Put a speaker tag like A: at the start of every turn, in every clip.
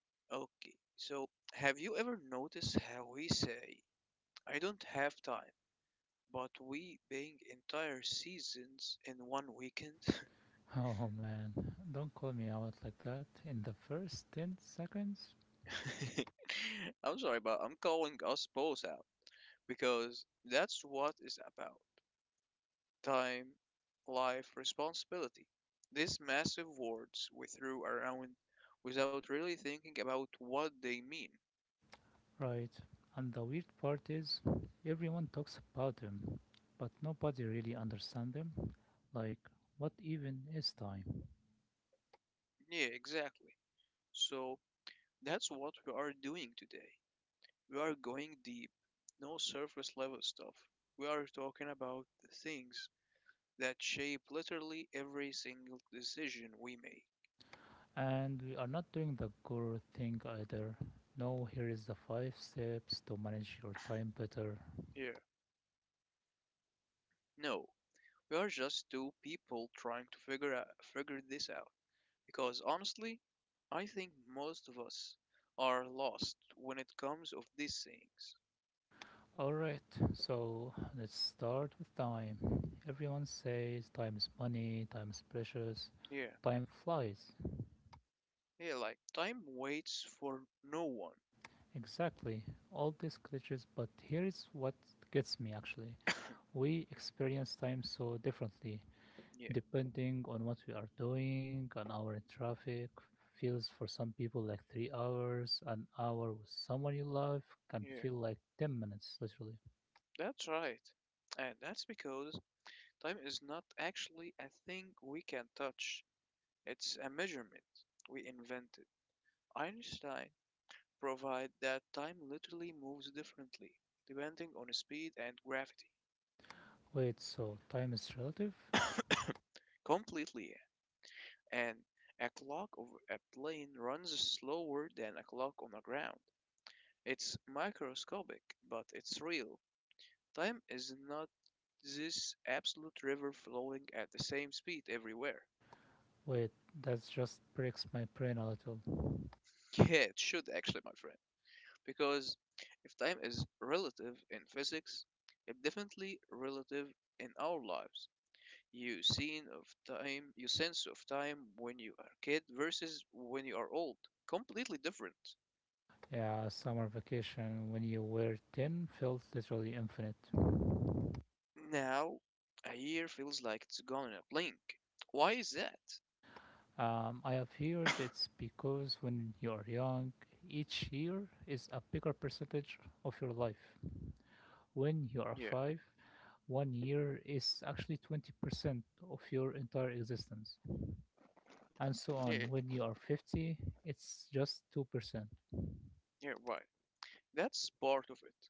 A: Okay, so have you ever noticed how we say, "I don't have time," but we bang entire seasons in one weekend?
B: Oh man, don't call me out like that. In the first 10 seconds?
A: I'm sorry, but I'm calling us both out because that's what it's about: time, life, responsibility. These massive words we threw around without really thinking about what they mean.
B: Right. And the weird part is, everyone talks about them, but nobody really understands them. Like, what even is time?
A: Yeah, exactly. So, That's what we are doing today. We are going deep, no surface level stuff. We are talking about the things that shape literally every single decision we make.
B: And we are not doing the guru thing either. No, here is the five steps to manage your time better.
A: Here, no, we are just two people trying to figure this out. Because honestly, I think most of us are lost when it comes of these things.
B: Alright, so let's start with time. Everyone says time is money, time is precious,
A: Yeah,
B: time flies.
A: yeah, like time waits for no one.
B: Exactly, all these glitches, but here is what gets me actually. We experience time so differently,
A: Yeah,
B: depending on what we are doing. An hour in traffic feels for some people like 3 hours, an hour with someone you love can
A: yeah,
B: feel like 10 minutes, literally.
A: that's right. And that's because time is not actually a thing we can touch. It's a measurement we invented. Einstein provided that time literally moves differently depending on speed and gravity.
B: Wait, so time is relative?
A: Completely. And a clock of a plane runs slower than a clock on the ground. It's microscopic, but it's real. Time is not this absolute river flowing at the same speed everywhere.
B: Wait, that just breaks my brain a little.
A: Yeah, it should actually, my friend. Because if time is relative in physics, it's definitely relative in our lives. You sense of time when you are kid versus when you are old, completely different.
B: Yeah, summer vacation when you were 10 felt literally infinite.
A: Now, a year feels like it's gone in a blink. Why is that?
B: I have heard it's because when you are young, each year is a bigger percentage of your life. When you are
A: Yeah,
B: five, one year is actually 20% of your entire existence, and so
A: yeah,
B: on. When you are 50, it's just 2%.
A: yeah, Why? That's part of it.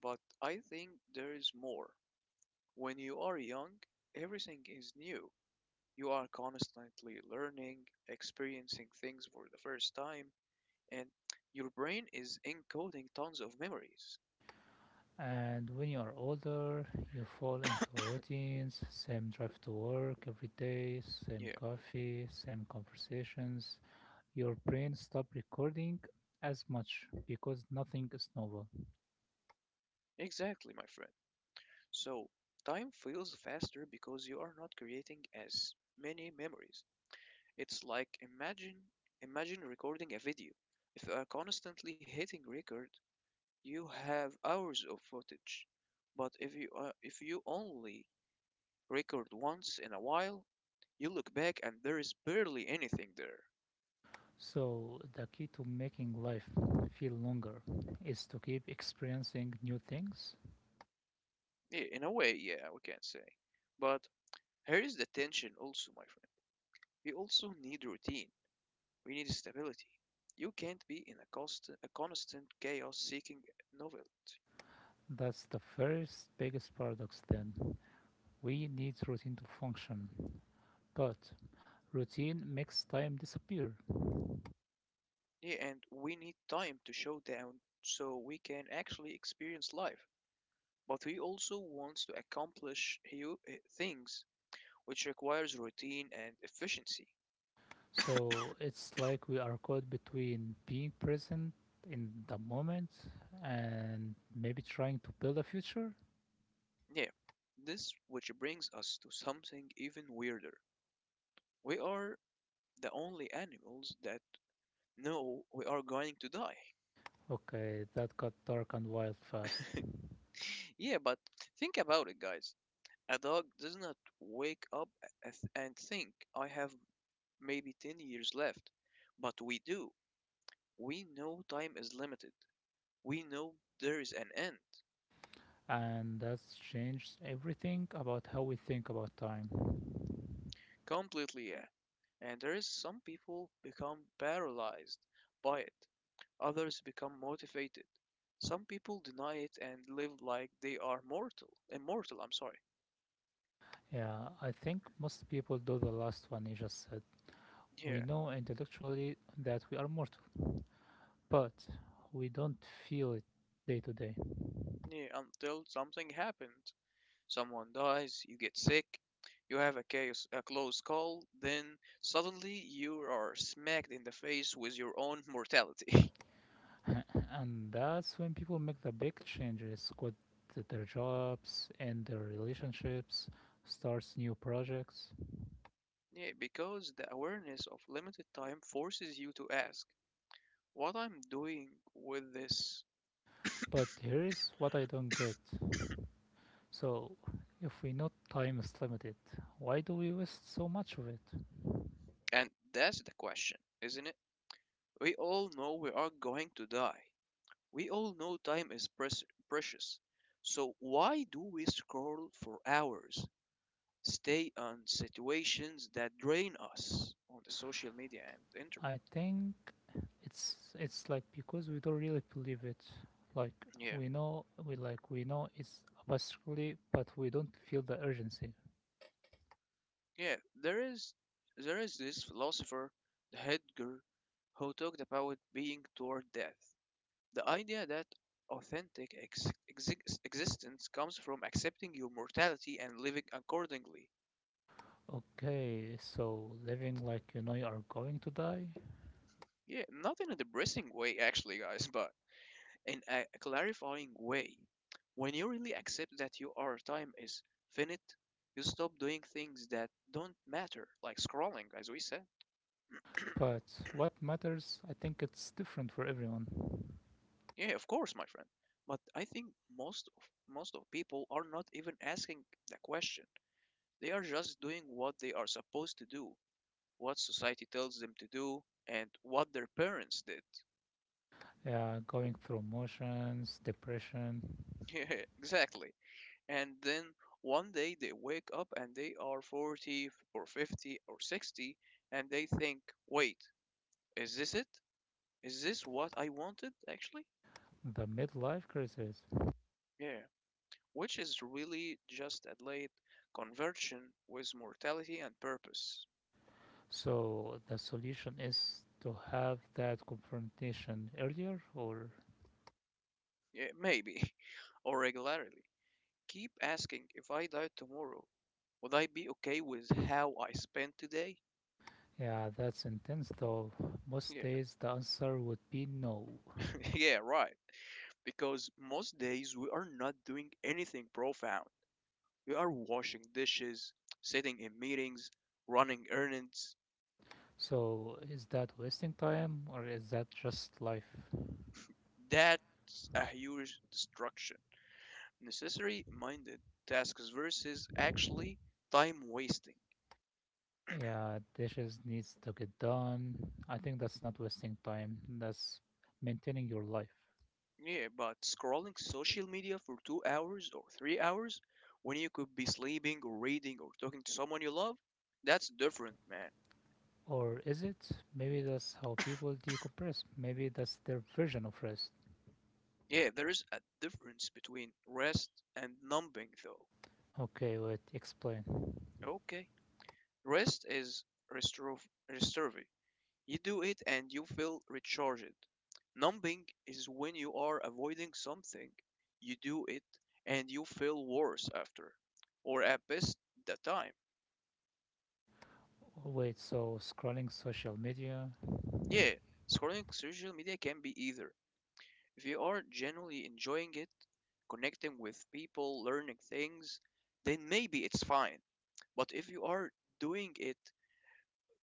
A: But I think there is more. When you are young, everything is new. You are constantly learning, experiencing things for the first time, and your brain is encoding tons of memories.
B: And when you are older, you fall into routines, same drive to work every day, same
A: Yeah,
B: coffee, same conversations, your brain stops recording as much because nothing is novel.
A: exactly, my friend. So, time feels faster because you are not creating as many memories. It's like imagine recording a video. If you are constantly hitting record, you have hours of footage. But if you only record once in a while, you look back and there is barely anything there.
B: So, the key to making life feel longer is to keep experiencing new things.
A: Yeah, in a way, yeah, we can say. But here is the tension also, my friend. We also need routine. We need stability. You can't be in a constant chaos seeking novelty.
B: That's the first biggest paradox, then. We need routine to function, but routine makes time disappear.
A: Yeah, and we need time to show down so we can actually experience life. But we also want to accomplish things which requires routine and efficiency.
B: So, it's like we are caught between being present in the moment and maybe trying to build a future.
A: Yeah, this which brings us to something even weirder. We are the only animals that know we are going to die.
B: Okay, that got dark and wild fast.
A: Yeah, but think about it, guys. A dog does not wake up and think, I have maybe 10 years left. But we do. We know time is limited. We know there is an end.
B: And that's changed everything about how we think about time.
A: Completely, yeah. And there is some people become paralyzed by it. Others become motivated. Some people deny it and live like they are immortal, I'm sorry.
B: Yeah, I think most people do the last one you just said. We
A: Yeah,
B: know intellectually that we are mortal, but we don't feel it day to day.
A: yeah, until something happens. Someone dies, you get sick, you have a case, a close call, then suddenly you are smacked in the face with your own mortality.
B: And that's when people make the big changes, quit their jobs and their relationships, starts new projects.
A: Yeah, because the awareness of limited time forces you to ask, what I'm doing with this?
B: But here is what I don't get. So, if we know time is limited, why do we waste so much of it?
A: And that's the question, isn't it? We all know we are going to die. We all know precious. So why do we scroll for hours, stay on situations that drain us on the social media and internet?
B: I think it's like because we don't really believe it. Like
A: Yeah.
B: we know we like we know it's basically, but we don't feel the urgency.
A: Yeah, there is there is this philosopher, Heidegger, who talked about being toward death. The idea that existence comes from accepting your mortality and living accordingly.
B: Okay, so living like you know you are going to die,
A: Yeah, not in a depressing way actually, guys, but in a clarifying way. When you really accept that your time is finite, you stop doing things that don't matter, like scrolling, as we said.
B: but what matters? I think it's different for everyone.
A: Yeah, of course, my friend. But I think most of most of people are not even asking the question. They are just doing what they are supposed to do, what society tells them to do, and what their parents did.
B: Yeah, going through emotions, depression,
A: Yeah, exactly. And then one day they wake up and they are 40 or 50 or 60 and they think, wait, is this it? Is this what I wanted actually?
B: the midlife crisis.
A: Yeah, which is really just a late conversion with mortality and purpose.
B: So the solution is to have that confrontation earlier, or
A: Yeah, maybe, or regularly keep asking, if I died tomorrow, would I be okay with how I spent today?
B: yeah, that's intense though. Most
A: Yeah.
B: days the answer would be no.
A: Yeah, right, because most days we are not doing anything profound. You are washing dishes, sitting in meetings, running errands.
B: So is that wasting time or is that just life?
A: That's a huge destruction. Necessary minded tasks versus actually time wasting.
B: Yeah, dishes needs to get done. I think that's not wasting time. That's maintaining your life.
A: Yeah, but scrolling social media for two hours or three hours when you could be sleeping or reading or talking to someone you love, that's different, man.
B: Or is it? Maybe that's how people decompress. Maybe that's their version of rest.
A: Yeah, there is a difference between rest and numbing, though.
B: Okay, wait, explain.
A: Okay. Rest is restor- restorative. You do it and you feel recharged. Numbing is when you are avoiding something. You do it and you feel worse after, or at best, the time.
B: Wait, so scrolling social media?
A: Yeah, scrolling social media can be either. If you are genuinely enjoying it, connecting with people, learning things, then maybe it's fine. But if you are doing it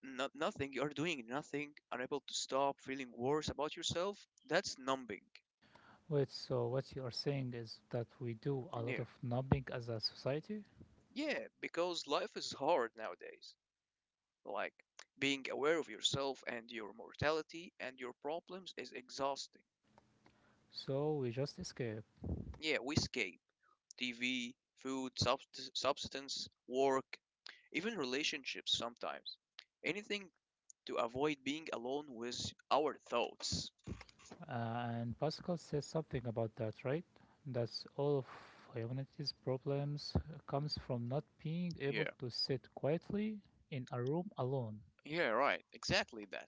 A: not nothing, you are doing nothing, unable to stop, feeling worse about yourself, that's numbing.
B: Wait, so what you are saying is that we do a lot
A: Yeah.
B: of numbing as a society?
A: Yeah, because life is hard nowadays. Like, being aware of yourself and your mortality and your problems is exhausting.
B: So we just escape.
A: Yeah, we escape TV, food, substance, work, even relationships sometimes. Anything to avoid being alone with our thoughts.
B: And Pascal says something about that, right? That all of humanity's problems comes from not being able
A: Yeah,
B: to sit quietly in a room alone.
A: yeah, right, exactly that.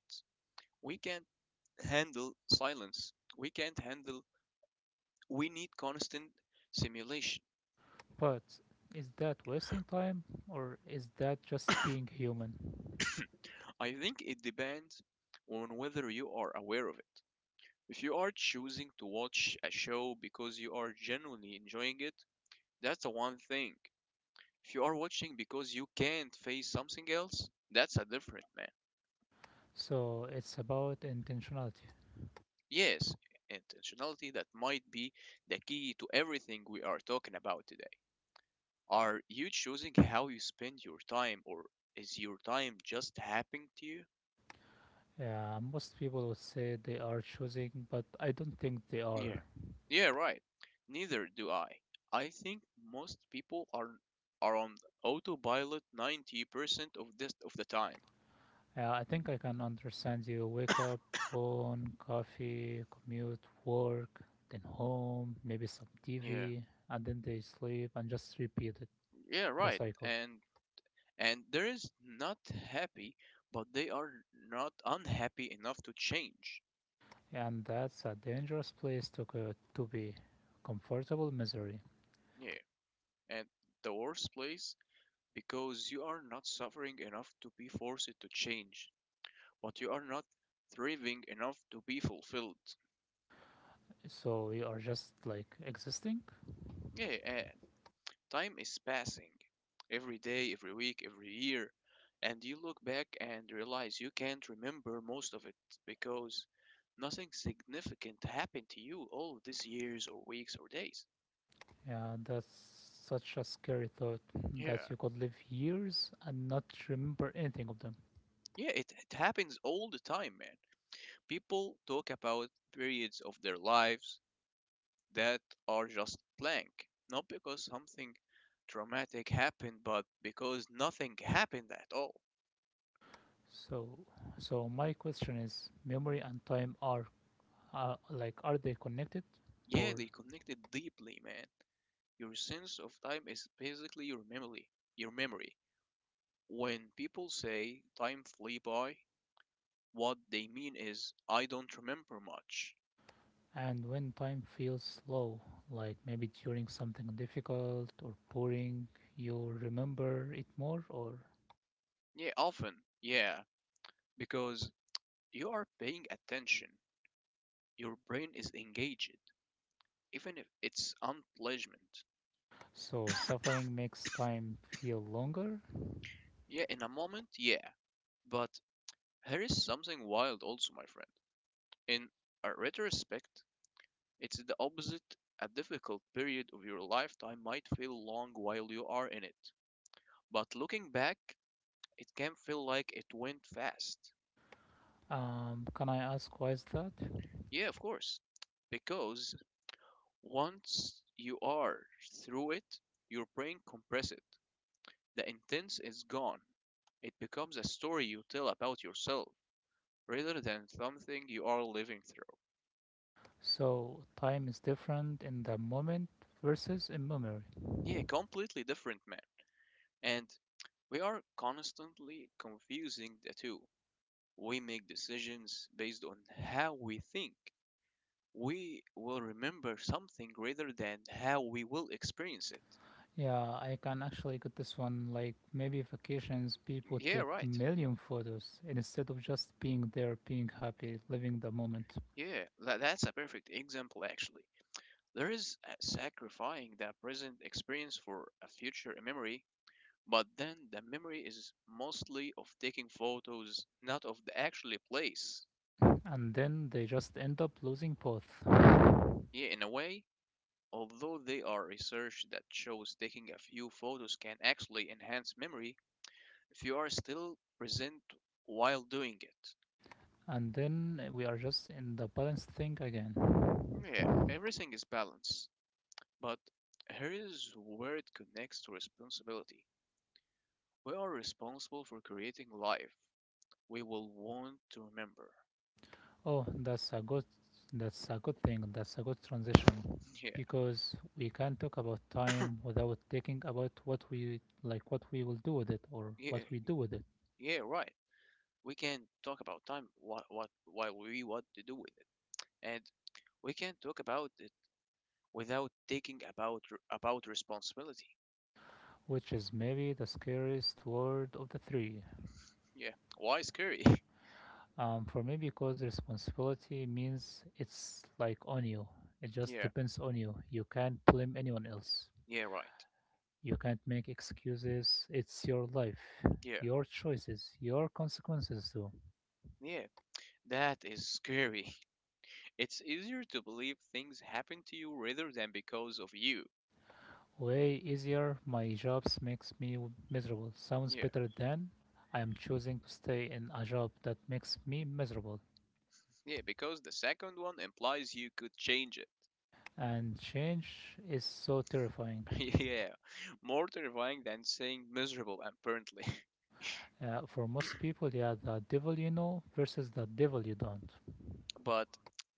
A: We can't handle silence. We can't handle, we need constant simulation.
B: But is that wasting time or is that just being human?
A: I think it depends on whether you are aware of it. If you are choosing to watch a show because you are genuinely enjoying it, that's a one thing. If you are watching because you can't face something else, that's a different man.
B: So it's about intentionality.
A: Yes, intentionality that might be the key to everything we are talking about today. Are you choosing how you spend your time or is your time just happening to you?
B: Yeah, most people would say they are choosing, but I don't think they
A: Yeah.
B: are.
A: Yeah, right. Neither do I. I think most people are on autopilot 90% of the time.
B: I think I can understand, you wake up, phone, coffee, commute, work, then home, maybe some
A: Yeah.
B: TV, and then they sleep and just repeat it,
A: Yeah,
B: the
A: right.
B: cycle.
A: And there is not happy, but they are not unhappy enough to change.
B: And that's a dangerous place to, go, to be. Comfortable misery.
A: Yeah. And the worst place because you are not suffering enough to be forced to change, but you are not thriving enough to be fulfilled.
B: So you are just like existing?
A: Yeah, time is passing every day, every week, every year, and you look back and realize you can't remember most of it because nothing significant happened to you all of these years or weeks or days.
B: Yeah, that's such a scary thought
A: Yeah.
B: that you could live years and not remember anything of them.
A: It happens all the time, man. People talk about periods of their lives that are just blank, not because something traumatic happened, but because nothing happened at all.
B: So, so my question is, memory and time are like are they connected,
A: Yeah,
B: or
A: they connected deeply, man. Your sense of time is basically your memory. Your memory. When people say time flew by, what they mean is, I don't remember much.
B: and when time feels slow, like maybe during something difficult or boring, you remember it more, or
A: Yeah, often. Yeah, because you are paying attention. Your brain is engaged, even if it's unpleasant.
B: so suffering makes time feel longer.
A: Yeah, in a moment, yeah. But here is something wild also, my friend. In a retrospect, it's the opposite. A difficult period of your lifetime might feel long while you are in it. But looking back, it can feel like it went fast.
B: Can I ask why is that?
A: Yeah, of course. Because once you are through it, your brain compresses it. The intense is gone. It becomes a story you tell about yourself rather than something you are living through.
B: So time is different in the moment versus in memory.
A: Yeah, completely different, man. And we are constantly confusing the two. We make decisions based on how we think we will remember something rather than how we will experience it.
B: Yeah, I can actually get this one. Like maybe vacations, people
A: Yeah,
B: take
A: right.
B: million photos instead of just being there, being happy, living the moment,
A: Yeah, that, that's a perfect example, actually. There is sacrificing the present experience for a future memory, but then the memory is mostly of taking photos, not of the actually place.
B: and then they just end up losing both,
A: Yeah, in a way, although there are research that shows taking a few photos can actually enhance memory if you are still present while doing it.
B: and then we are just in the balance thing again.
A: Yeah, everything is balanced, but here is where it connects to responsibility. We are responsible for creating life we will want to remember.
B: Oh, that's a good thing. That's a good transition,
A: Yeah,
B: because we can talk about time without thinking about what we like, what we will do with it, or
A: yeah,
B: what we do with it.
A: yeah, right. We can talk about time what while we what to do with it, and we can talk about it without thinking about about responsibility.
B: Which is maybe the scariest word of the three.
A: Yeah, why scary?
B: For me, because responsibility means it's like on you. It just
A: Yeah,
B: depends on you. You can't blame anyone else.
A: yeah, right.
B: You can't make excuses. It's your life,
A: Yeah,
B: your choices, your consequences too.
A: yeah, that is scary. It's easier to believe things happen to you rather than because of you.
B: Way easier. My jobs makes me miserable. Sounds
A: Yeah,
B: better than I am choosing to stay in a job that makes me miserable.
A: yeah, because the second one implies you could change
B: And change is so terrifying.
A: it. Yeah, more terrifying than saying miserable, apparently.
B: For most people, yeah, the devil you know versus the devil you don't.
A: But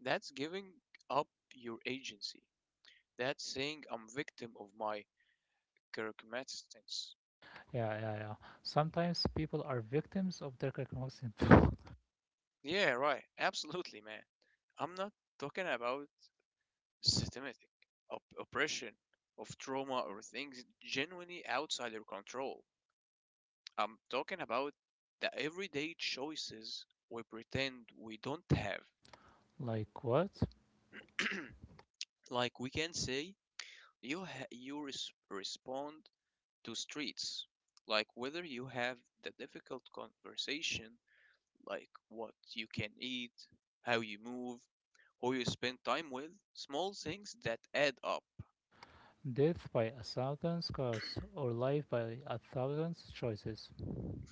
A: that's giving up your agency. That's saying I'm victim of my circumstance.
B: Yeah, yeah, yeah. Sometimes people are victims of their circumstances.
A: Yeah, right. Absolutely, man. I'm not talking about systematic oppression of trauma or things genuinely outside your control. I'm talking about the everyday choices we pretend we don't have.
B: Like what?
A: Like we can say respond to streets, like whether you have the difficult conversation, like what you can eat, how you move, who you spend time with, small things that add up.
B: Death by a thousand cause or life by a thousand choices.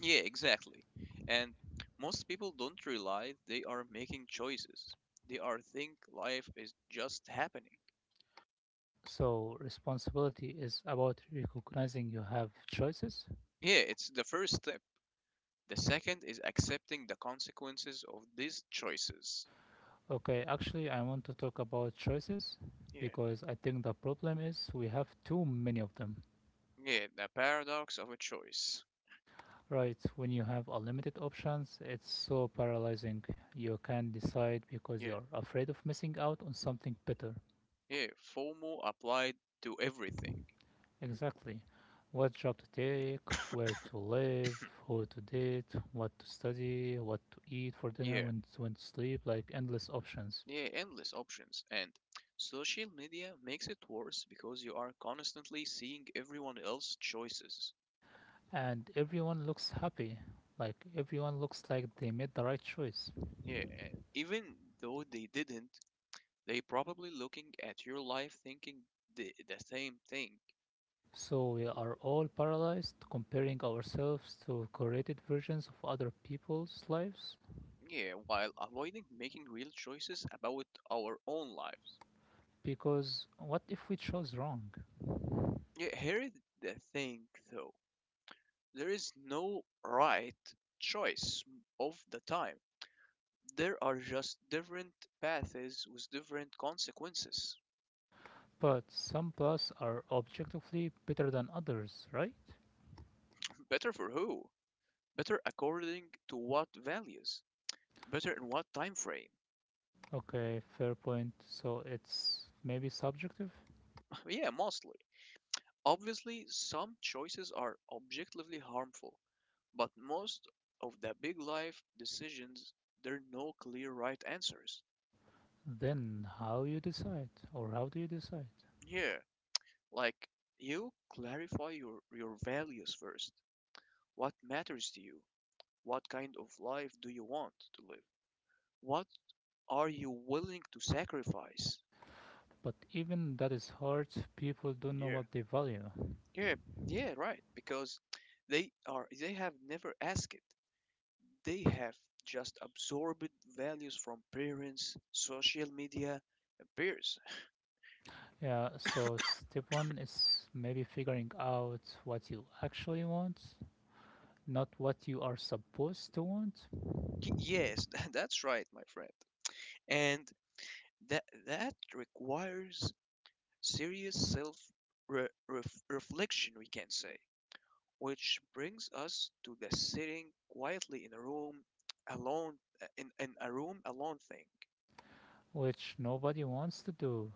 A: Yeah, exactly. And most people don't realize they are making choices. They are think life is just happening.
B: So responsibility is about recognizing you have choices.
A: Yeah, it's the first step. The second is accepting the consequences of these choices.
B: Okay, actually, I want to talk about choices
A: Yeah.
B: because I think the problem is we have too many of them.
A: Yeah, the paradox of a choice.
B: Right, when you have unlimited options, it's so paralyzing. You can't decide because
A: Yeah.
B: you're afraid of missing out on something better.
A: Yeah, FOMO applied to everything.
B: Exactly. What job to take, where to live, who to date, what to study, what to eat for dinner,
A: Yeah.
B: when to sleep, like endless options.
A: Yeah, endless options. And social media makes it worse because you are constantly seeing everyone else's choices.
B: And everyone looks happy, like everyone looks like they made the right choice.
A: Yeah, and even though they didn't, they probably looking at your life thinking the same thing.
B: So we are all paralyzed, comparing ourselves to curated versions of other people's lives
A: Yeah, while avoiding making real choices about our own lives.
B: because what if we chose wrong?
A: Yeah, here is the thing though. There is no right choice of the time. There are just different paths with different consequences.
B: But some plus are objectively better than others, right?
A: Better for who? Better according to what values? Better in what time frame?
B: Okay, fair point. So it's maybe subjective?
A: Yeah, mostly. Obviously, some choices are objectively harmful, but most of the big life decisions, there are no clear right answers.
B: Then how you decide or how do you decide?
A: Yeah, like you clarify your values first. What matters to you? What kind of life do you want to live? What are you willing to sacrifice?
B: But even that is hard, people don't know
A: Yeah,
B: what they value.
A: yeah, yeah, right. Because they have never asked it. They have just absorbed values from parents, social media, and peers.
B: Yeah, so step one is maybe figuring out what you actually want, not what you are supposed to want,
A: Yes, that's right, my friend. And that requires serious self reflection we can say, which brings us to the sitting quietly in a room alone in a room alone thing.
B: which nobody wants to do.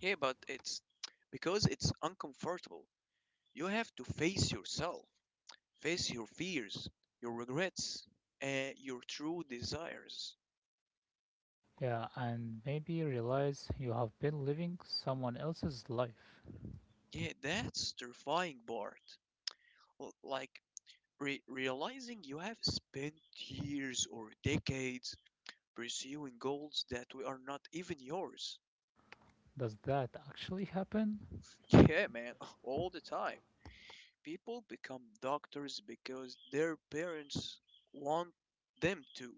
A: Yeah, but it's because it's uncomfortable. You have to face yourself, face your fears, your regrets, and your true desires.
B: Yeah, and maybe realize you have been living someone else's life.
A: Yeah, that's terrifying part. Like realizing you have spent years or decades pursuing goals that we are not even yours.
B: Does that actually happen?
A: Yeah, man, all the time. People become doctors because their parents want them to.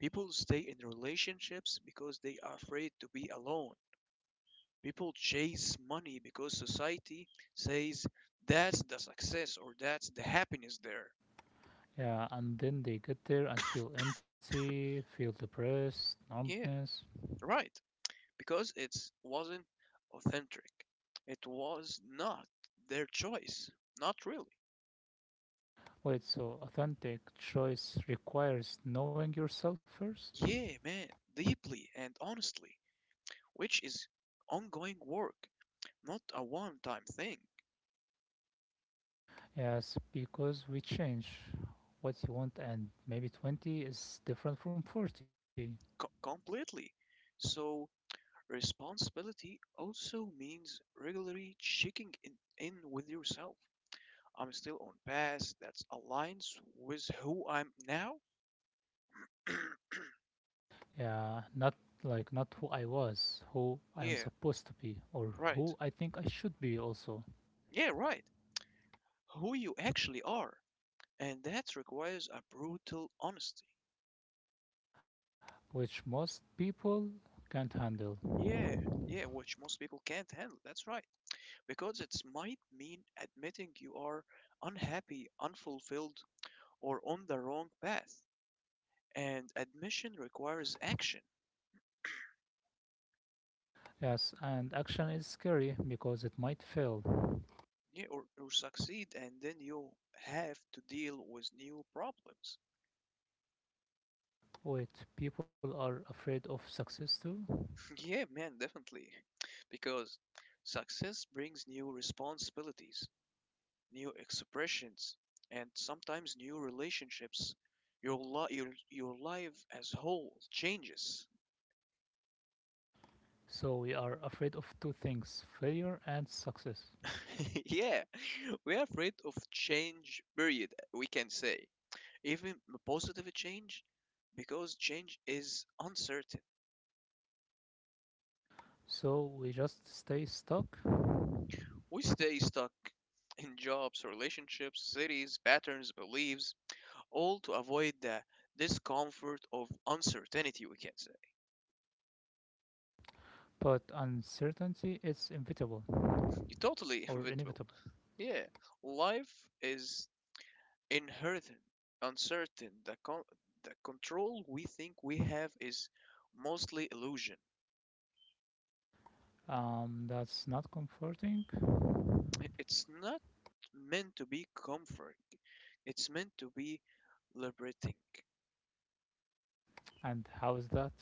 A: People stay in relationships because they are afraid to be alone. People chase money because society says that's the success or that's the happiness there.
B: Yeah, and then they get there and feel empty, feel depressed,
A: Yeah,
B: numbness.
A: right. Because it wasn't authentic. It was not their choice. Not really.
B: Wait, so authentic choice requires knowing yourself first?
A: Yeah, man, deeply and honestly, which is ongoing work, not a one time thing.
B: Yes, because we change what you want, and maybe 20 is different from 40.
A: Completely. So, responsibility also means regularly checking in with yourself. I'm still on path that aligns with who I'm now?
B: Yeah, not like not who I was, who I am
A: Yeah,
B: supposed to be, or
A: right.
B: who I think I should be also.
A: Yeah, right. Who you actually are. And that requires a brutal honesty.
B: Which most people can't handle.
A: Yeah, yeah, which most people can't handle. That's right. Because it might mean admitting you are unhappy, unfulfilled, or on the wrong path. And admission requires action.
B: Yes, and action is scary because it might fail.
A: Yeah, or succeed, and then you have to deal with new problems.
B: Wait, people are afraid of success too?
A: Yeah, man, definitely. Because success brings new responsibilities, new expressions, and sometimes new relationships. Your your life as whole changes.
B: So we are afraid of two things, failure and success.
A: Yeah, we are afraid of change. Period. We can say even positive change, because change is uncertain.
B: So we just stay stuck?
A: We stay stuck in jobs, relationships, cities, patterns, beliefs, all to avoid the discomfort of uncertainty. We can say.
B: But uncertainty is inevitable
A: Totally
B: or
A: inventable.
B: inevitable.
A: Yeah, life is inherent, uncertain, the control we think we have is mostly illusion.
B: That's not comforting.
A: It's not meant to be comforting, it's meant to be liberating.
B: And how is that?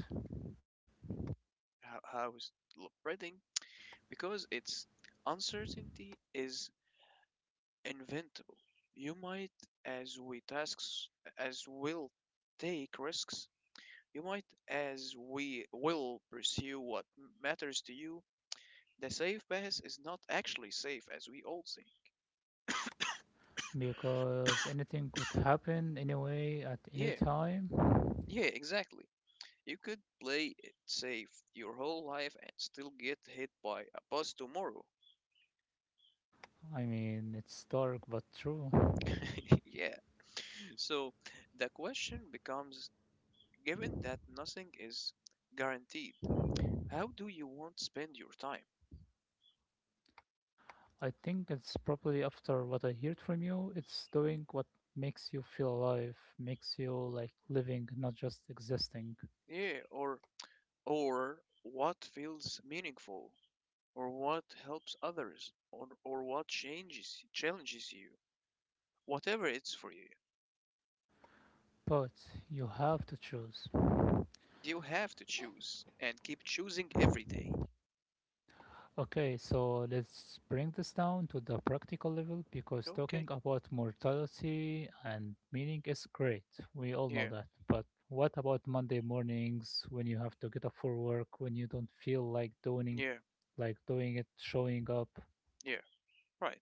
A: How is liberating? Because it's uncertainty is inventable. You might, as we tasks, as will take risks. You might, as we will pursue what matters to you. The safe pass is not actually safe as we all say.
B: Because anything could happen anyway at any
A: Yeah,
B: time.
A: yeah, exactly. You could play it safe your whole life and still get hit by a bus tomorrow.
B: I mean, it's dark but true.
A: Yeah. So the question becomes given that nothing is guaranteed, how do you want to spend your time?
B: I think it's probably after what I heard from you, it's doing what makes you feel alive, makes you like living, not just existing.
A: Yeah, or what feels meaningful or what helps others or what changes challenges you, whatever it's for you.
B: But you have to choose.
A: You have to choose and keep choosing every day.
B: Okay, so let's bring this down to the practical level because talking
A: Okay.
B: about mortality and meaning is great. We all know
A: Yeah,
B: that. But what about Monday mornings when you have to get up for work, when you don't feel like doing
A: yeah,
B: it, showing up.
A: yeah. Right.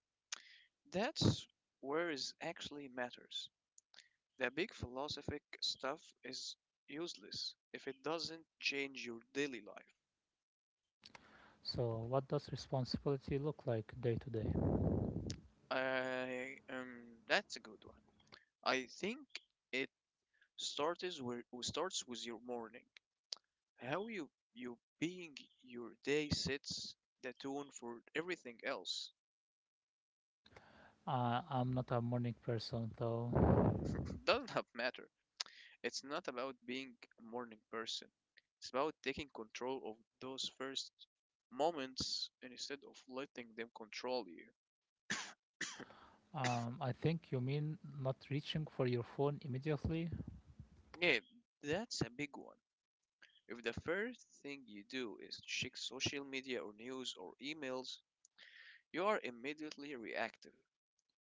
A: That's where is actually matters. The big philosophic stuff is useless if it doesn't change your daily life.
B: So, what does responsibility look like day to day?
A: I that's a good one. I think it starts where starts with your morning. How you being your day sets the tone for everything else.
B: I'm not a morning person though.
A: Doesn't have matter. It's not about being a morning person. It's about taking control of those first moments and instead of letting them control you.
B: I think you mean not reaching for your phone immediately.
A: Yeah, that's a big one. If the first thing you do is check social media or news or emails, you are immediately reactive.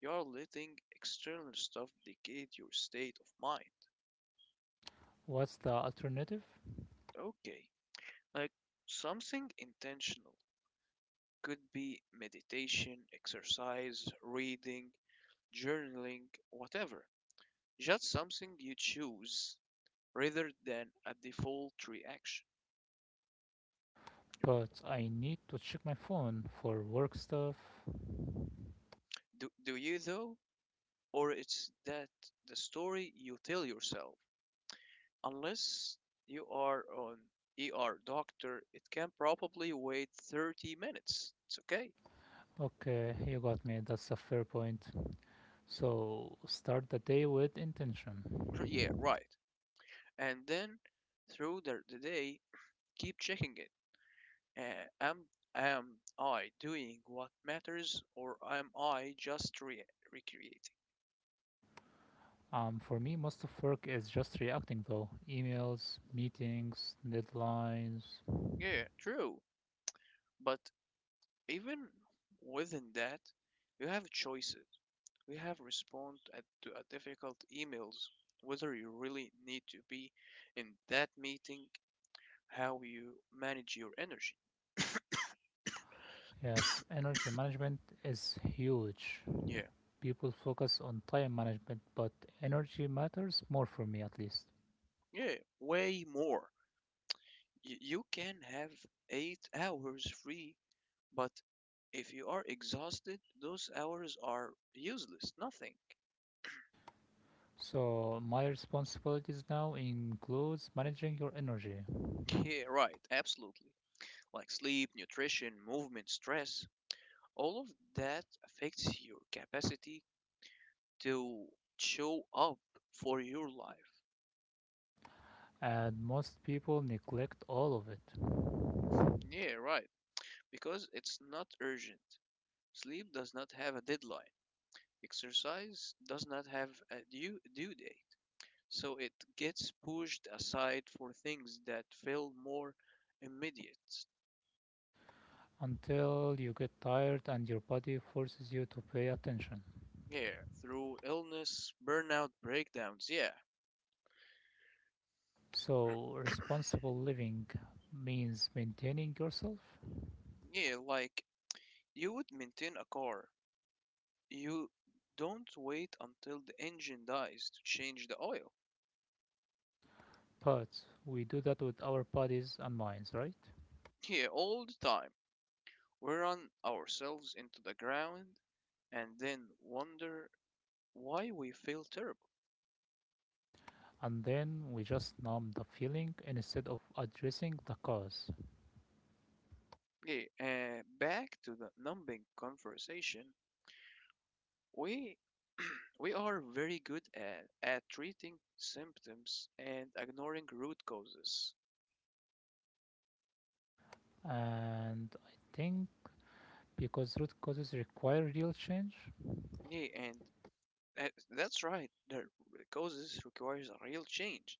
A: You are letting external stuff dictate your state of mind.
B: What's the alternative?
A: Okay, like something intentional could be meditation, exercise, reading, journaling, whatever. Just something you choose rather than a default reaction.
B: But I need to check my phone for work stuff.
A: Do you though? Or it's that the story you tell yourself? Unless you are on ER doctor, it can probably wait 30 minutes. It's okay.
B: Okay, you got me. That's a fair point. So, start the day with intention.
A: Yeah, right. And then through the day, keep checking it. Uh, am, am I doing what matters or am I just recreating?
B: For me, most of work is just reacting though. Emails, meetings, deadlines.
A: Yeah, true. But even within that, you have choices. You have respond to a difficult emails, whether you really need to be in that meeting, how you manage your energy.
B: Yes, energy management is huge.
A: Yeah,
B: People focus on time management, but energy matters more for me at least.
A: yeah, way more. You can have 8 hours free, but if you are exhausted, those hours are useless, nothing.
B: So my responsibilities now includes managing your energy,
A: Yeah, right, absolutely. Like sleep, nutrition, movement, stress. All of that affects your capacity to show up for your life.
B: and most people neglect all of it
A: Yeah, right. Because it's not urgent. Sleep does not have a deadline. Exercise does not have a due date. So it gets pushed aside for things that feel more immediate.
B: until you get tired and your body forces you to pay attention.
A: Yeah, through illness, burnout, breakdowns. Yeah.
B: So, responsible living means maintaining yourself,
A: Yeah, like you would maintain a car. You don't wait until the engine dies to change the oil.
B: but we do that with our bodies and minds, right?
A: Yeah, all the time. We run ourselves into the ground and then wonder why we feel terrible.
B: And then we just numb the feeling instead of addressing the cause.
A: Yeah, back to the numbing conversation. We we are very good at treating symptoms and ignoring root causes.
B: And I think because root causes require real change,
A: Yeah, and that's right. The causes requires a real change.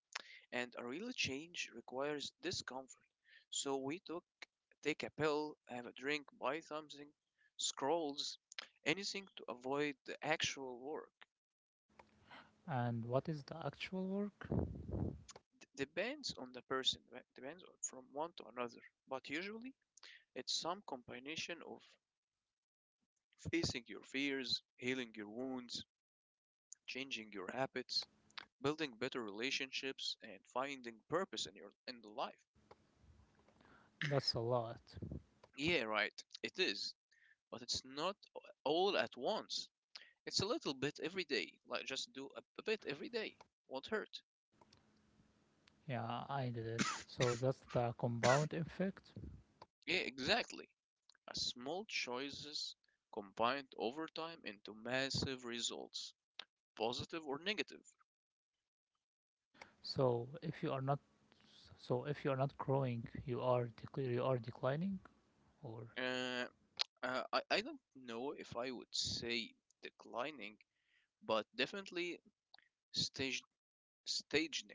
A: And a real change requires discomfort. So we take a pill, have a drink, buy something, scrolls, anything to avoid the actual work.
B: and what is the actual work?
A: Depends on the person, right? Depends on from one to another. But usually, it's some combination of facing your fears, healing your wounds, changing your habits, building better relationships, and finding purpose in your in the life.
B: That's a lot.
A: Yeah, right. It is, but it's not all at once. It's a little bit every day, like just do a bit every day. Won't hurt.
B: Yeah, I did it. So, that's the compound effect.
A: Yeah, exactly. A small choices combined over time into massive results, positive or negative.
B: So, if you are not growing, you are you are declining, or
A: Uh, I don't know if I would say declining, but definitely stage, staging.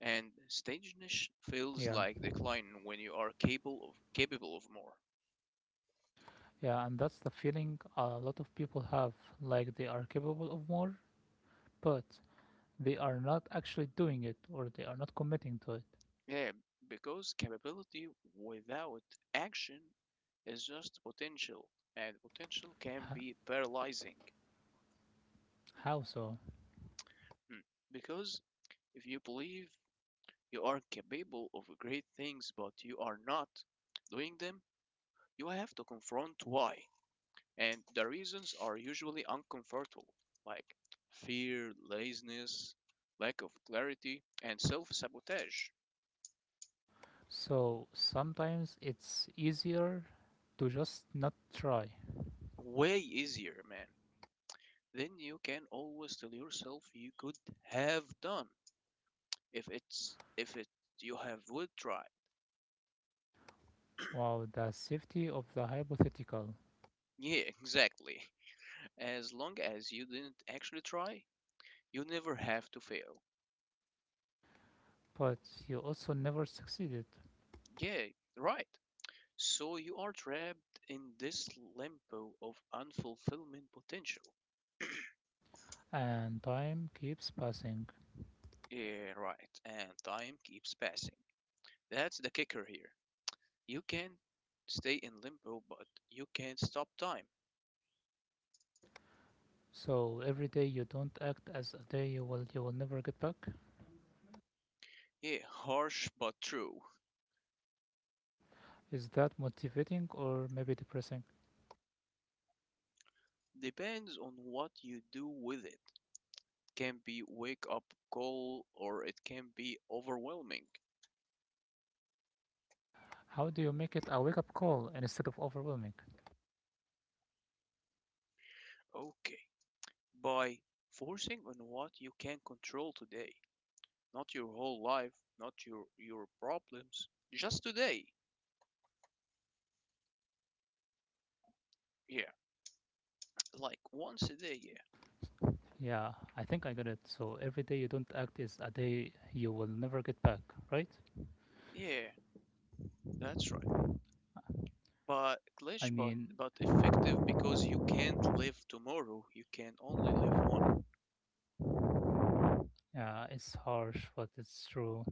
A: And staging feels
B: Yeah,
A: like decline when you are capable of more.
B: yeah, and that's the feeling a lot of people have, like they are capable of more, but they are not actually doing it or they are not committing to it.
A: Yeah, because capability without action is just potential, and potential can
B: H-
A: be paralyzing.
B: How so?
A: Hmm. Because if you believe you are capable of great things but you are not doing them, you have to confront why. And the reasons are usually uncomfortable, like fear, laziness, lack of clarity, and self sabotage.
B: So sometimes it's easier to just not try.
A: Way easier, man. Then you can always tell yourself you could have done if it's if it you have would try.
B: Wow, the safety of the hypothetical,
A: Yeah, exactly. As long as you didn't actually try, you never have to fail.
B: but you also never succeeded,
A: Yeah, right. So you are trapped in this limbo of unfulfillment potential.
B: and time keeps passing.
A: Yeah, right, and time keeps passing. That's the kicker here. You can stay in limbo but you can't stop time.
B: So every day you don't act as a day you will never get back.
A: Yeah, harsh but true.
B: Is that motivating or maybe depressing?
A: Depends on what you do with it. It can be wake up call or it can be overwhelming.
B: How do you make it a wake up call instead of overwhelming?
A: Okay. By focusing on what you can control today, not your whole life, not your problems, just today. Yeah. Like once a day, yeah.
B: Yeah, I think I got it. So every day you don't act is a day you will never get back, right?
A: Yeah, that's right. But
B: I
A: glitch
B: mean,
A: but effective because you can't live tomorrow, you can only live one.
B: yeah, it's harsh, but it's true.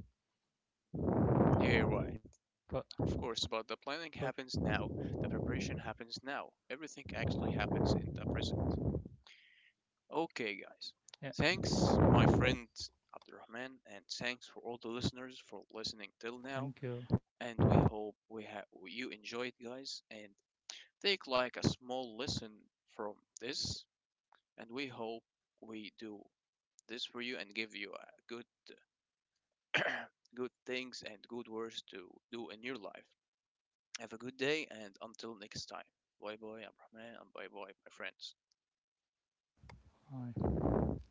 A: Yeah, right.
B: But,
A: Of course, but the planning
B: but,
A: happens now, the preparation happens now. Everything actually happens in the present. Okay, guys.
B: yes,
A: Thanks, my friend Abdurrahman, and thanks for all the listeners for listening till now.
B: thank you.
A: And we hope we have you enjoyed, guys, and take like a small lesson from this. And we hope we do this for you and give you good good things and good words to do in your life. Have a good day and until next time. Bye bye, Abrahman, and bye bye, my friends.
B: Bye.